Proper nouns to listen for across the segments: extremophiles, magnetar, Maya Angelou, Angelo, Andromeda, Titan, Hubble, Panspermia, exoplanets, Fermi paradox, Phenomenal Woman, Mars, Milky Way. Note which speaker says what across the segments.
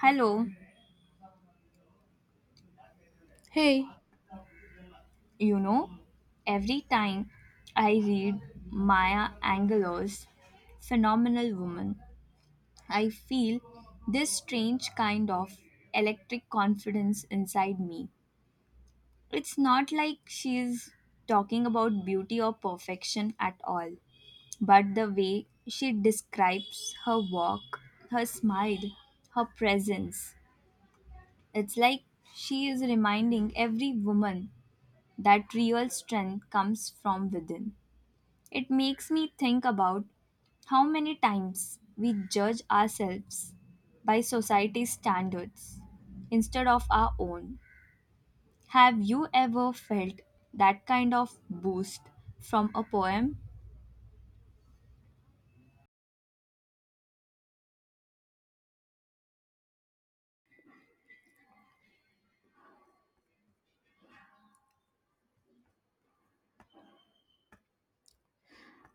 Speaker 1: Hello,
Speaker 2: Hey,
Speaker 1: you know, every time I read Maya Angelou's Phenomenal Woman, I feel this strange kind of electric confidence inside me. It's not like she's talking about beauty or perfection at all, but the way she describes her walk, her smile, her presence, it's like she is reminding every woman that real strength comes from within. It makes me think about how many times we judge ourselves by society's standards instead of our own. Have you ever felt that kind of boost from a poem?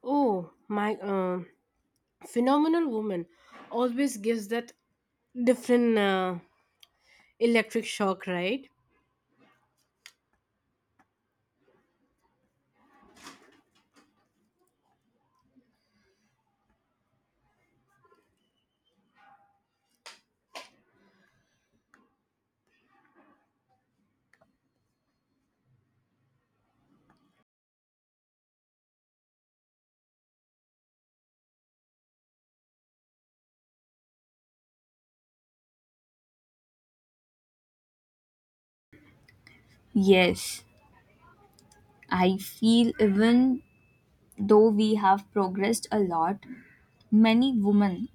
Speaker 2: oh, my, phenomenal woman always gives that different electric shock, right?
Speaker 1: Yes, I feel even though we have progressed a lot, many women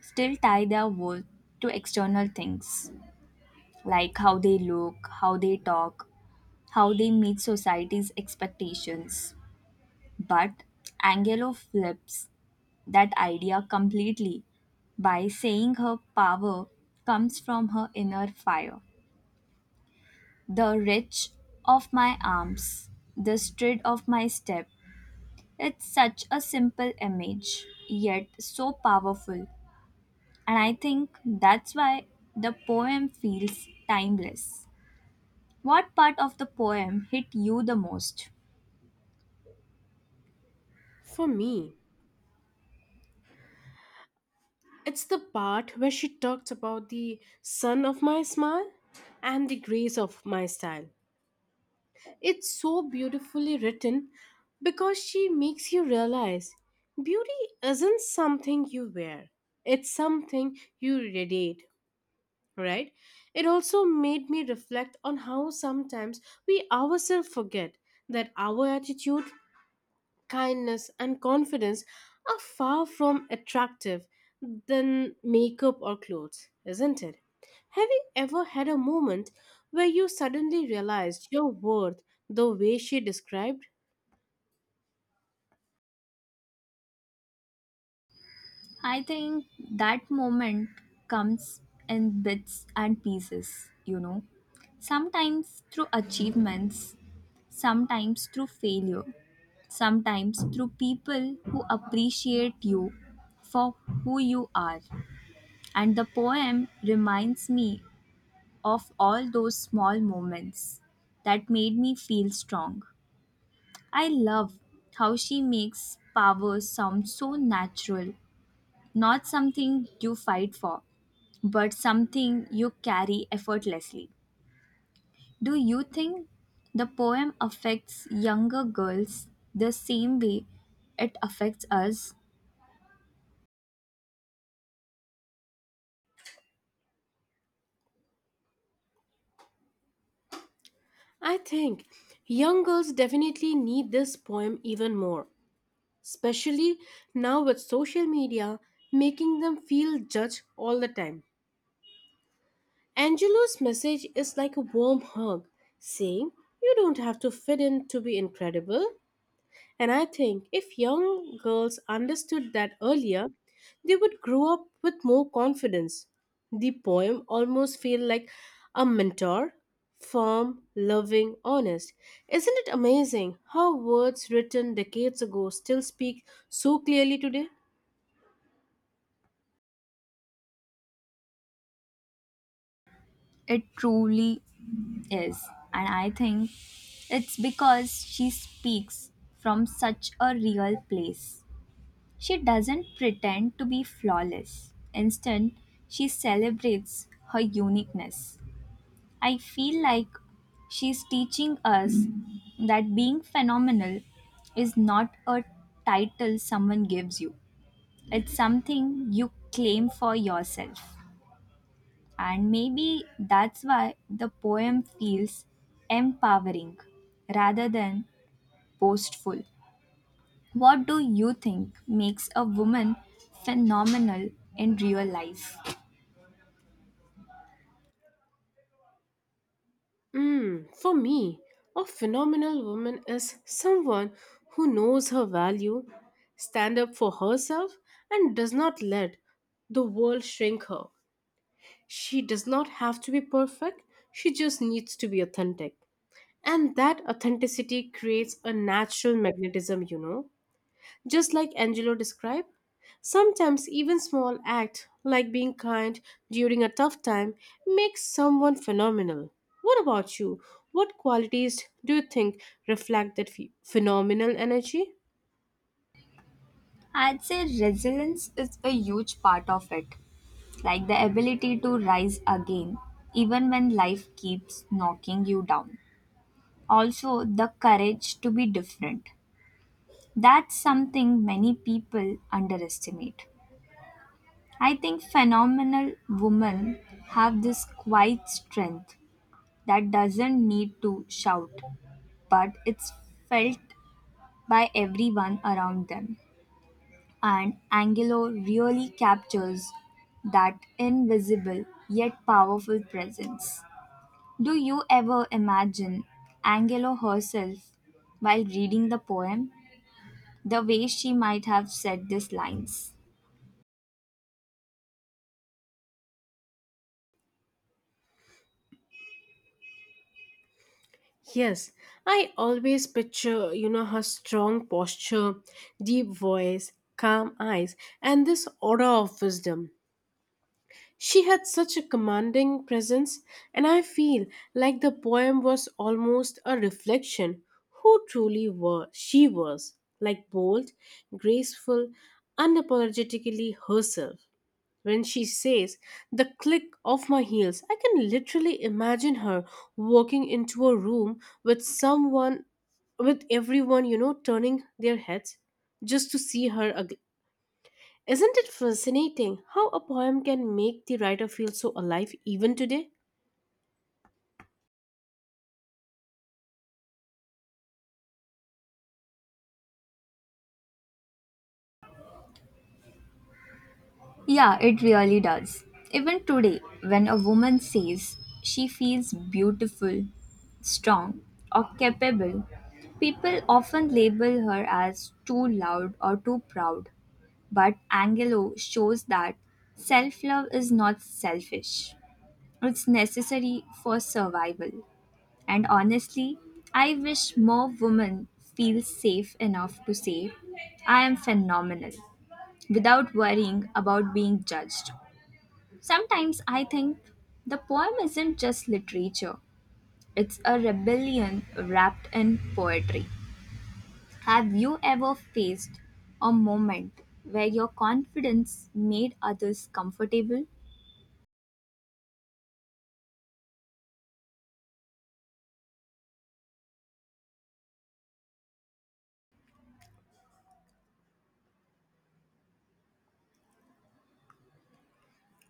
Speaker 1: still tie their worth to external things like how they look, how they talk, how they meet society's expectations. But Angelo flips that idea completely by saying her power comes from her inner fire. The reach of my arms, the stride of my step. It's such a simple image, yet so powerful. And I think that's why the poem feels timeless. What part of the poem hit you the most?
Speaker 2: For me, it's the part where she talks about the sun of my smile and the grace of my style. It's so beautifully written because she makes you realize beauty isn't something you wear, it's something you radiate, right? It also made me reflect on how sometimes we ourselves forget that our attitude, kindness, and confidence are far from attractive than makeup or clothes, isn't it? Have you ever had a moment where you suddenly realized your worth the way she described?
Speaker 1: I think that moment comes in bits and pieces, you know. Sometimes through achievements, sometimes through failure, sometimes through people who appreciate you for who you are. And the poem reminds me of all those small moments that made me feel strong. I love how she makes power sound so natural, not something you fight for but something you carry effortlessly. Do you think the poem affects younger girls the same way it affects us?
Speaker 2: I think young girls definitely need this poem even more, especially now with social media making them feel judged all the time. Angelo's message is like a warm hug, saying, "You don't have to fit in to be incredible." And I think if young girls understood that earlier, they would grow up with more confidence. The poem almost feels like a mentor, firm, loving, honest. Isn't it amazing how words written decades ago still speak so clearly today?
Speaker 1: It truly is. And I think it's because she speaks from such a real place. She doesn't pretend to be flawless. Instead, she celebrates her uniqueness. I feel like she's teaching us that being phenomenal is not a title someone gives you, it's something you claim for yourself. And maybe that's why the poem feels empowering rather than boastful. What do you think makes a woman phenomenal in real life?
Speaker 2: For me, a phenomenal woman is someone who knows her value, stand up for herself, and does not let the world shrink her. She does not have to be perfect, she just needs to be authentic. And that authenticity creates a natural magnetism, you know. Just like Angelo described, sometimes even small act like being kind during a tough time makes someone phenomenal. What about you? What qualities do you think reflect that phenomenal energy?
Speaker 1: I'd say resilience is a huge part of it, like the ability to rise again, even when life keeps knocking you down. Also, the courage to be different. That's something many people underestimate. I think phenomenal women have this quiet strength that doesn't need to shout, but it's felt by everyone around them. And Angelo really captures that invisible yet powerful presence. Do you ever imagine Angelo herself while reading the poem? The way she might have said these lines.
Speaker 2: Yes, I always picture, you know, her strong posture, deep voice, calm eyes, and this aura of wisdom. She had such a commanding presence, and I feel like the poem was almost a reflection who truly were she was, like bold, graceful, unapologetically herself. When she says the click of my heels, I can literally imagine her walking into a room with someone with everyone, you know, turning their heads just to see isn't it fascinating how a poem can make the writer feel so alive even today?
Speaker 1: Yeah, it really does. Even today, when a woman says she feels beautiful, strong, or capable, people often label her as too loud or too proud. But Angelo shows that self love is not selfish, it's necessary for survival. And honestly, I wish more women feel safe enough to say, I am phenomenal, without worrying about being judged. Sometimes I think the poem isn't just literature, it's a rebellion wrapped in poetry. Have you ever faced a moment where your confidence made others comfortable?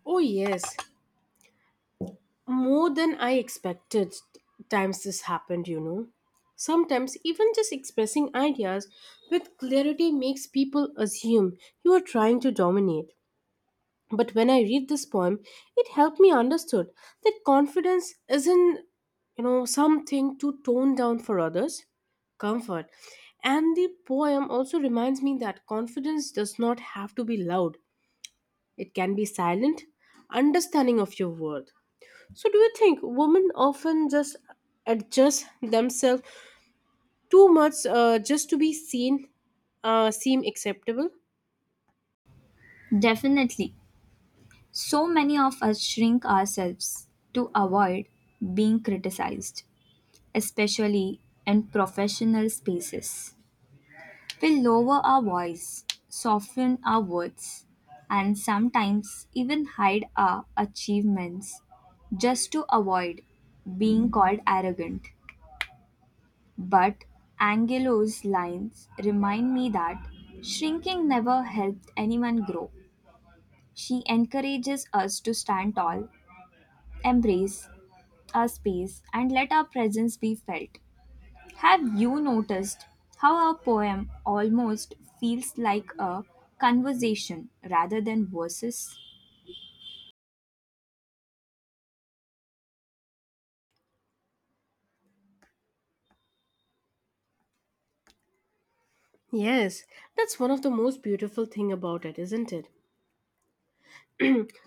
Speaker 2: Oh, yes, more than I expected times this happened, you know. Sometimes, even just expressing ideas with clarity makes people assume you are trying to dominate. But when I read this poem, it helped me understood that confidence isn't, you know, something to tone down for others. Comfort. And the poem also reminds me that confidence does not have to be loud. It can be silent, understanding of your worth. So do you think women often just adjust themselves too much, just to be seen, seem acceptable?
Speaker 1: Definitely. So many of us shrink ourselves to avoid being criticized, especially in professional spaces. We lower our voice, soften our words, and sometimes even hide our achievements just to avoid being called arrogant. But Angelo's lines remind me that shrinking never helped anyone grow. She encourages us to stand tall, embrace our space, and let our presence be felt. Have you noticed how our poem almost feels like a conversation rather than verses?
Speaker 2: Yes, that's one of the most beautiful thing about it, isn't it?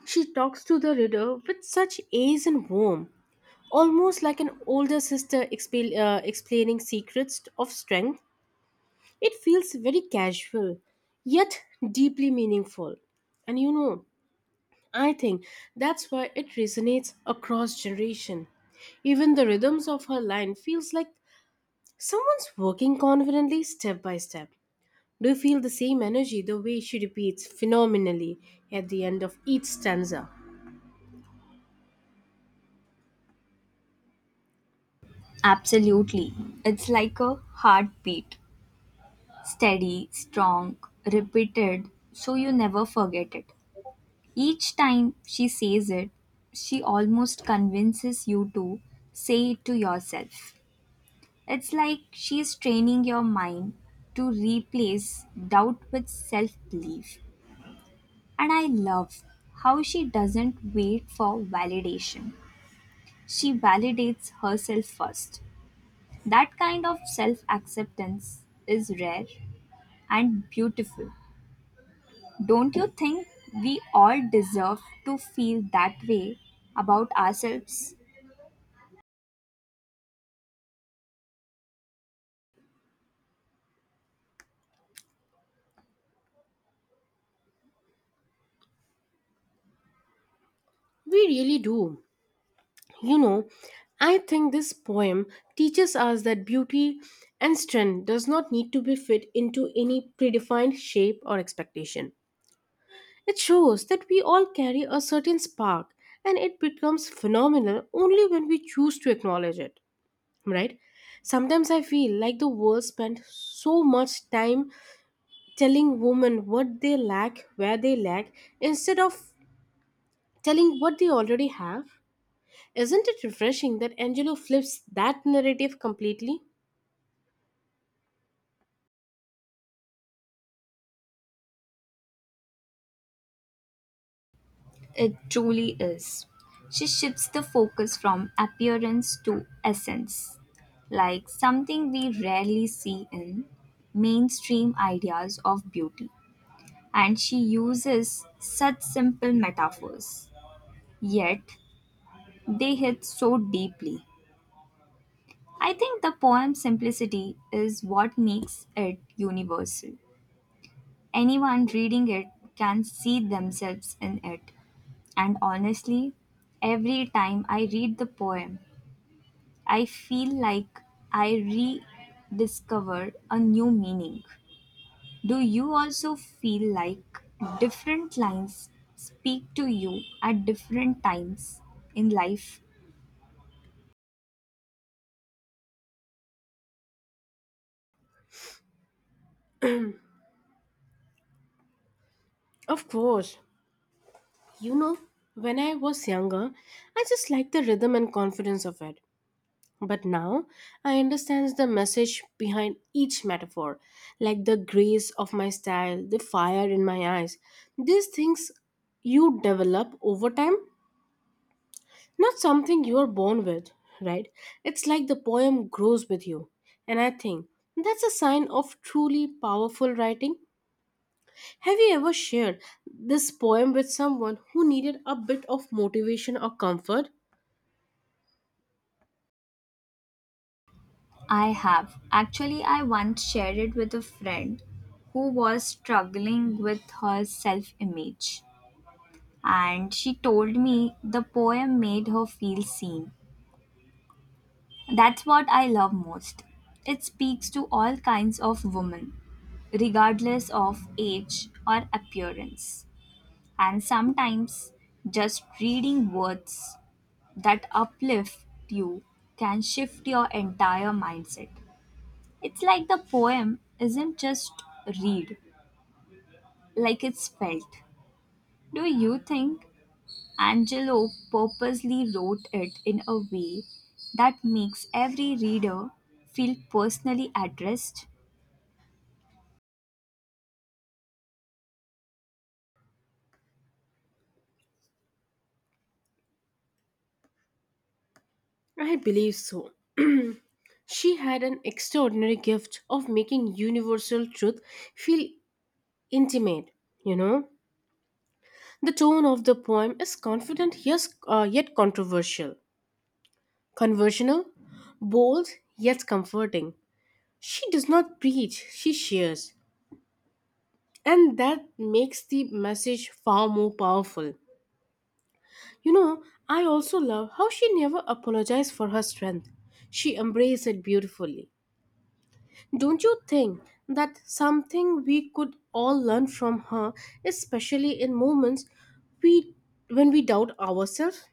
Speaker 2: She talks to the reader with such ease and warmth, almost like an older sister explaining secrets of strength. It feels very casual, yet deeply meaningful. And you know, I think that's why it resonates across generation. Even the rhythms of her line feels like someone's working confidently step by step. Do you feel the same energy the way she repeats phenomenally at the end of each stanza?
Speaker 1: Absolutely. It's like a heartbeat steady, strong, repeated, so you never forget it. Each time she says it, she almost convinces you to say it to yourself. It's like she's training your mind to replace doubt with self belief. And I love how she doesn't wait for validation, she validates herself first. That kind of self acceptance is rare and beautiful. Don't you think we all deserve to feel that way about ourselves?
Speaker 2: We really do. You know, I think this poem teaches us that beauty and strength does not need to be fit into any predefined shape or expectation. It shows that we all carry a certain spark and it becomes phenomenal only when we choose to acknowledge it, right? Sometimes I feel like the world spent so much time telling women what they lack, where they lack, instead of telling what they already have. Isn't it refreshing that Angelo flips that narrative completely?
Speaker 1: It truly is. She shifts the focus from appearance to essence, like something we rarely see in mainstream ideas of beauty. And she uses such simple metaphors, yet they hit so deeply. I think the poem's simplicity is what makes it universal. Anyone reading it can see themselves in it. And honestly, every time I read the poem, I feel like I rediscover a new meaning. Do you also feel like different lines speak to you at different times in life?
Speaker 2: Of course. You know, when I was younger, I just liked the rhythm and confidence of it. But now, I understand the message behind each metaphor, like the grace of my style, the fire in my eyes. These things you develop over time, not something you are born with, right? It's like the poem grows with you. And I think that's a sign of truly powerful writing. Have you ever shared this poem with someone who needed a bit of motivation or comfort?
Speaker 1: I have. Actually, I once shared it with a friend who was struggling with her self image, and she told me the poem made her feel seen. That's what I love most. It speaks to all kinds of women, regardless of age or appearance. And sometimes just reading words that uplift you can shift your entire mindset. It's like the poem isn't just read, like it's felt. Do you think Angelo purposely wrote it in a way that makes every reader feel personally addressed.
Speaker 2: I believe so. She had an extraordinary gift of making universal truth feel intimate, you know. The tone of the poem is confident, yet controversial, conversational, bold yet comforting. She does not preach, she shares, and that makes the message far more powerful. You know, I also love how she never apologized for her strength. She embraced it beautifully. Don't you think that something we could all learn from her, especially in moments we when we doubt ourselves?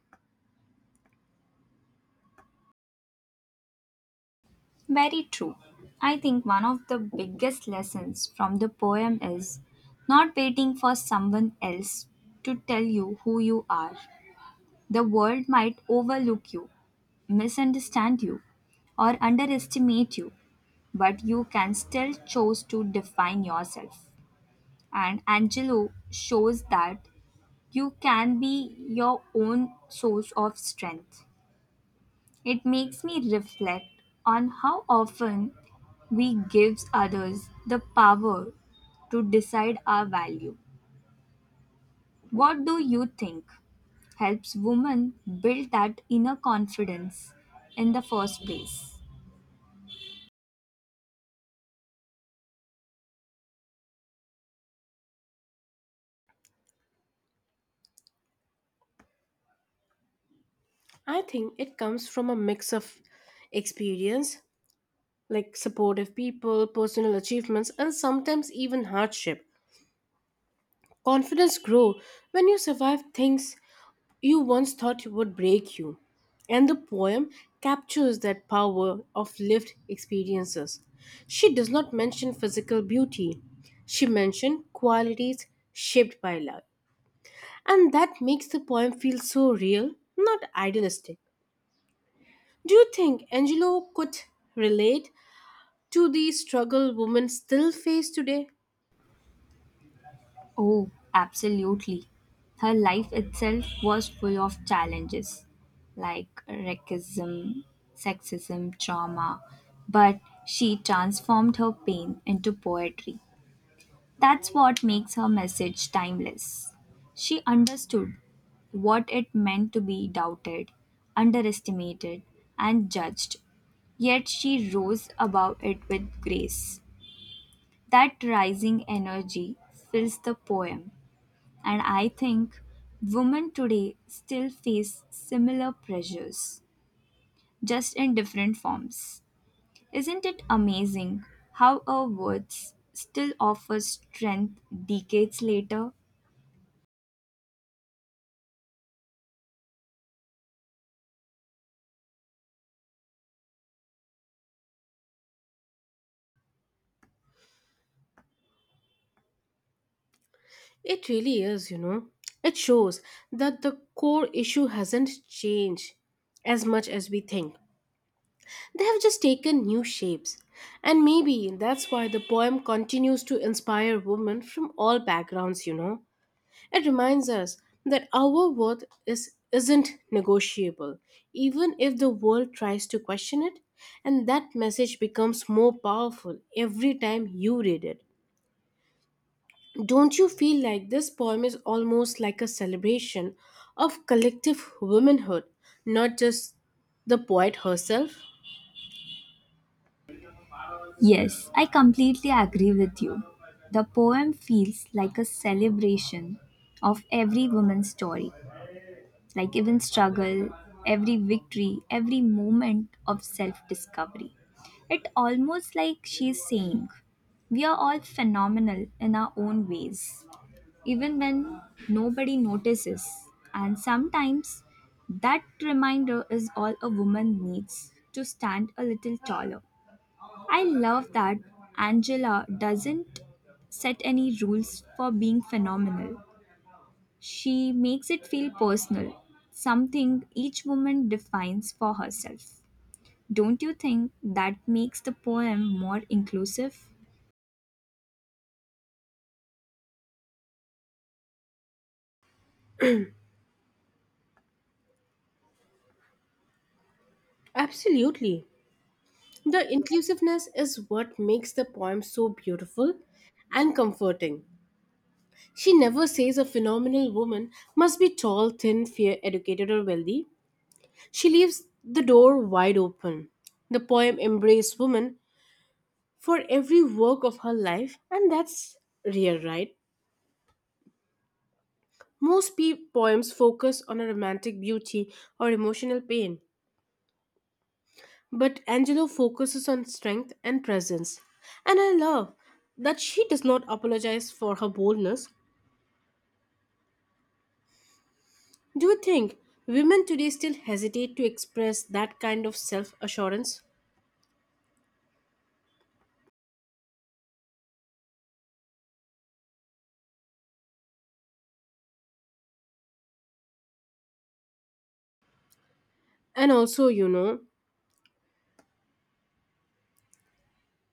Speaker 1: Very true. I think one of the biggest lessons from the poem is not waiting for someone else to tell you who you are. The world might overlook you, misunderstand you, or underestimate you, but you can still choose to define yourself. And Angelo shows that you can be your own source of strength. It makes me reflect on how often we give others the power to decide our value. What do you think helps women build that inner confidence in the first place?
Speaker 2: I think it comes from a mix of experience, like supportive people, personal achievements, and sometimes even hardship. Confidence grow when you survive things you once thought would break you. And the poem captures that power of lived experiences. She does not mention physical beauty, she mentions qualities shaped by love. And that makes the poem feel so real, not idealistic. Do you think Angelo could relate to the struggle women still face today?
Speaker 1: Oh, absolutely. Her life itself was full of challenges like racism, sexism, trauma, but she transformed her pain into poetry. That's what makes her message timeless. She understood what it meant to be doubted, underestimated, and judged, yet she rose above it with grace. That rising energy fills the poem and I think women today still face similar pressures, just in different forms. Isn't it amazing how our words still offer strength decades later?
Speaker 2: It really is, you know. It shows that the core issue hasn't changed as much as we think. They have just taken new shapes. And maybe that's why the poem continues to inspire women from all backgrounds, you know. It reminds us that our isn't negotiable, even if the world tries to question it. And that message becomes more powerful every time you read it. Don't you feel like this poem is almost like a celebration of collective womanhood, not just the poet herself?
Speaker 1: Yes, I completely agree with you. The poem feels like a celebration of every woman's story. Like even struggle, every victory, every moment of self discovery. It almost like she's saying, we are all phenomenal in our own ways, even when nobody notices. And sometimes that reminder is all a woman needs to stand a little taller. I love that Angela doesn't set any rules for being phenomenal. She makes it feel personal, something each woman defines for herself. Don't you think that makes the poem more inclusive?
Speaker 2: Absolutely. The inclusiveness is what makes the poem so beautiful and comforting. She never says a phenomenal woman must be tall, thin, fair, educated, or wealthy. She leaves the door wide open. The poem embraces women for every work of her life, and that's rare, right? Poems focus on a romantic beauty or emotional pain, but Angelo focuses on strength and presence. And I love that she does not apologize for her boldness. Do you think women today still hesitate to express that kind of self assurance? And also, you know,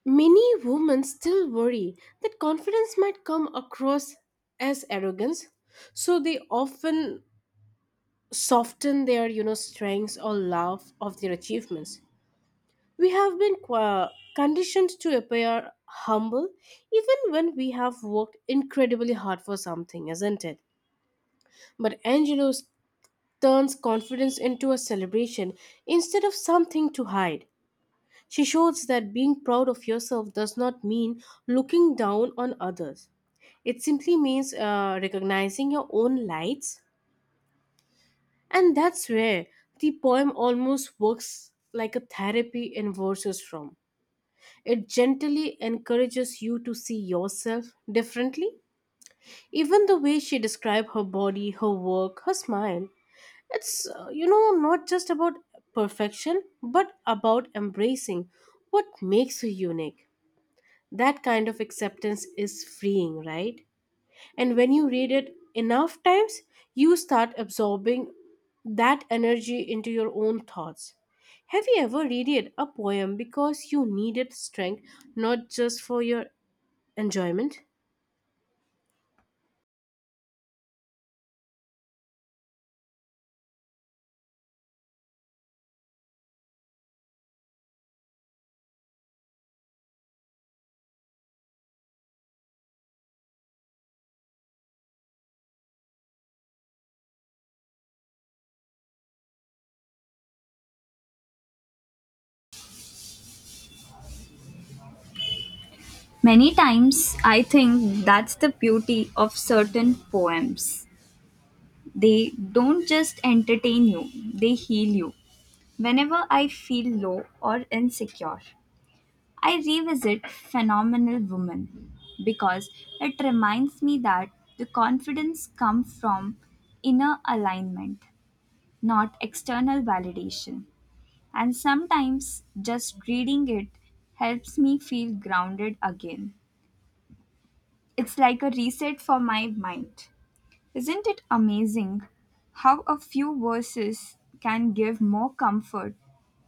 Speaker 2: many women still worry that confidence might come across as arrogance. So they often soften their, you know, strengths or laugh of their achievements. We have been qua conditioned to appear humble even when we have worked incredibly hard for something, isn't it? But Angelo turns confidence into a celebration instead of something to hide. She shows that being proud of yourself does not mean looking down on others. It simply means recognizing your own lights. And that's where the poem almost works like a therapy in verses from. It gently encourages you to see yourself differently. Even the way she described her body, her work, her smile, you know, not just about perfection, but about embracing what makes you unique. That kind of acceptance is freeing, right? And when you read it enough times, you start absorbing that energy into your own thoughts. Have you ever read it, a poem because you needed strength, not just for your enjoyment?
Speaker 1: Many times, I think that's the beauty of certain poems. They don't just entertain you, they heal you. Whenever I feel low or insecure, I revisit Phenomenal Woman because it reminds me that the confidence comes from inner alignment, not external validation. And sometimes just reading it helps me feel grounded again. It's like a reset for my mind. Isn't it amazing how a few verses can give more comfort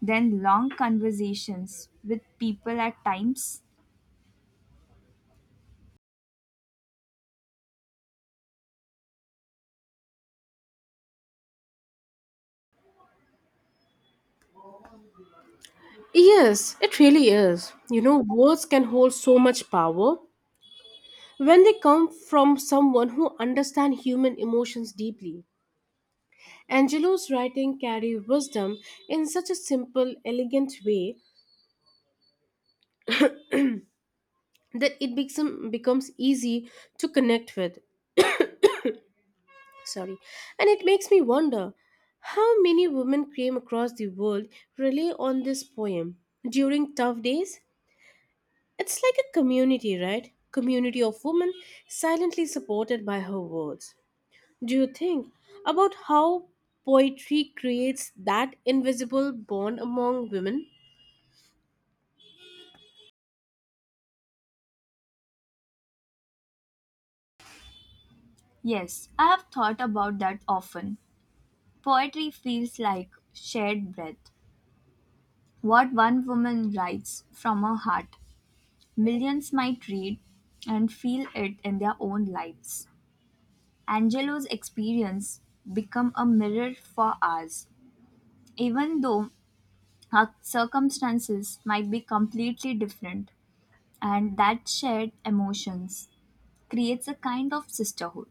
Speaker 1: than long conversations with people at times?
Speaker 2: Yes, it really is. You know, words can hold so much power when they come from someone who understands human emotions deeply. Angelo's writing carry wisdom in such a simple, elegant way that becomes easy to connect with. Sorry. And it makes me wonder how many women came across the world rely on this poem during tough days? It's like a community, right? Community of women silently supported by her words. Do you think about how poetry creates that invisible bond among women?
Speaker 1: Yes, I have thought about that often. Poetry feels like shared breath. What one woman writes from her heart, millions might read and feel it in their own lives. Angelo's experience become a mirror for ours, even though our circumstances might be completely different, and that shared emotions creates a kind of sisterhood.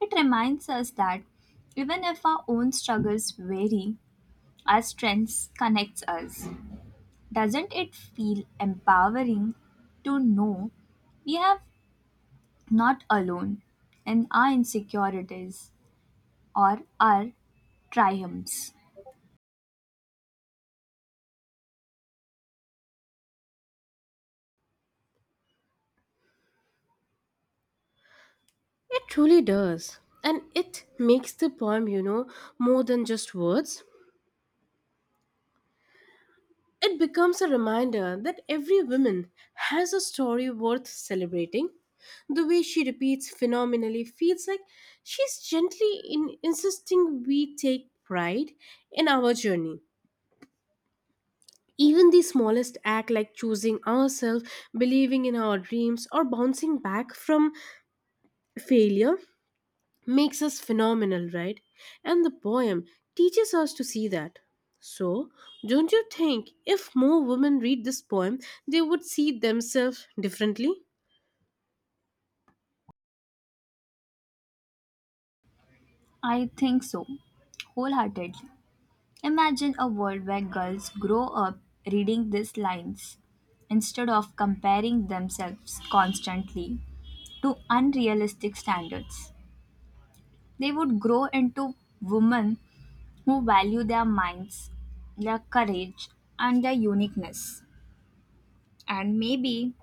Speaker 1: It reminds us that even if our own struggles vary, our strengths connects us. Doesn't it feel empowering to know we have not alone in our insecurities or our triumphs?
Speaker 2: It truly does. And it makes the poem, you know, more than just words. It becomes a reminder that every woman has a story worth celebrating. The way she repeats phenomenally feels like she's gently in insisting we take pride in our journey. Even the smallest act, like choosing ourselves, believing in our dreams, or bouncing back from failure, makes us phenomenal, right? And the poem teaches us to see that. So, don't you think if more women read this poem, they would see themselves differently?
Speaker 1: I think so, wholeheartedly. Imagine a world where girls grow up reading these lines instead of comparing themselves constantly to unrealistic standards. They would grow into women who value their minds, their courage, and their uniqueness. And maybe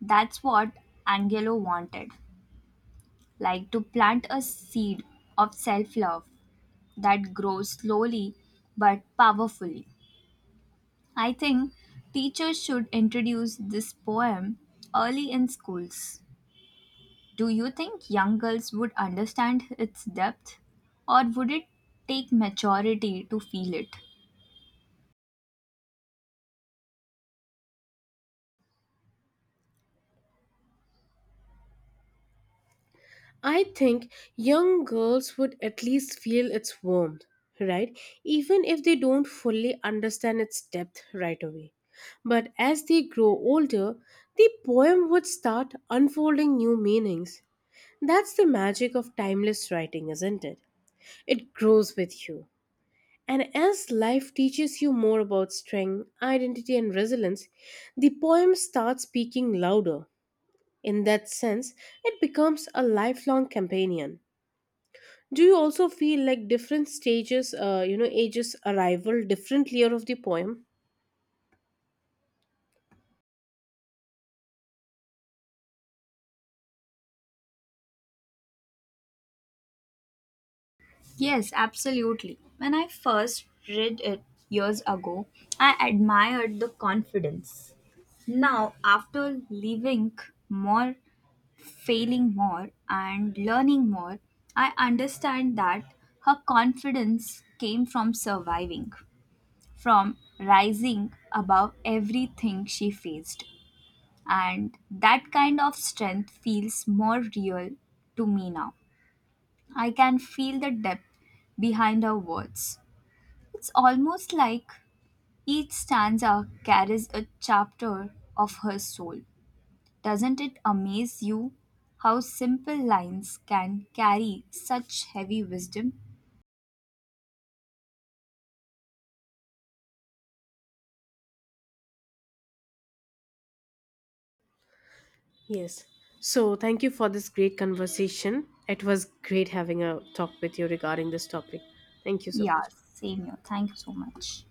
Speaker 1: that's what Angelo wanted like to plant a seed of self love that grows slowly but powerfully. I think teachers should introduce this poem early in schools. Do you think young girls would understand its depth, or would it take maturity to feel it?
Speaker 2: I think young girls would at least feel its warmth, right? Even if they don't fully understand its depth right away. But as they grow older, the poem would start unfolding new meanings. That's the magic of timeless writing, isn't it? It grows with you. And as life teaches you more about strength, identity, and resilience, the poem starts speaking louder. In that sense, it becomes a lifelong companion. Do you also feel like different stages, you know, ages arrival different layer of the poem?
Speaker 1: Yes, absolutely. When I first read it years ago, I admired the confidence. Now, after living more, failing more, and learning more, I understand that her confidence came from surviving, from rising above everything she faced. And that kind of strength feels more real to me now. I can feel the depth behind her words it's almost like each stanza carries a chapter of her soul. Doesn't it amaze you how simple lines can carry such heavy wisdom?
Speaker 2: Yes. So thank you for this great conversation. It was great having a talk with you regarding this topic. Thank you so
Speaker 1: Yeah,
Speaker 2: much.
Speaker 1: same here. Thank you so much.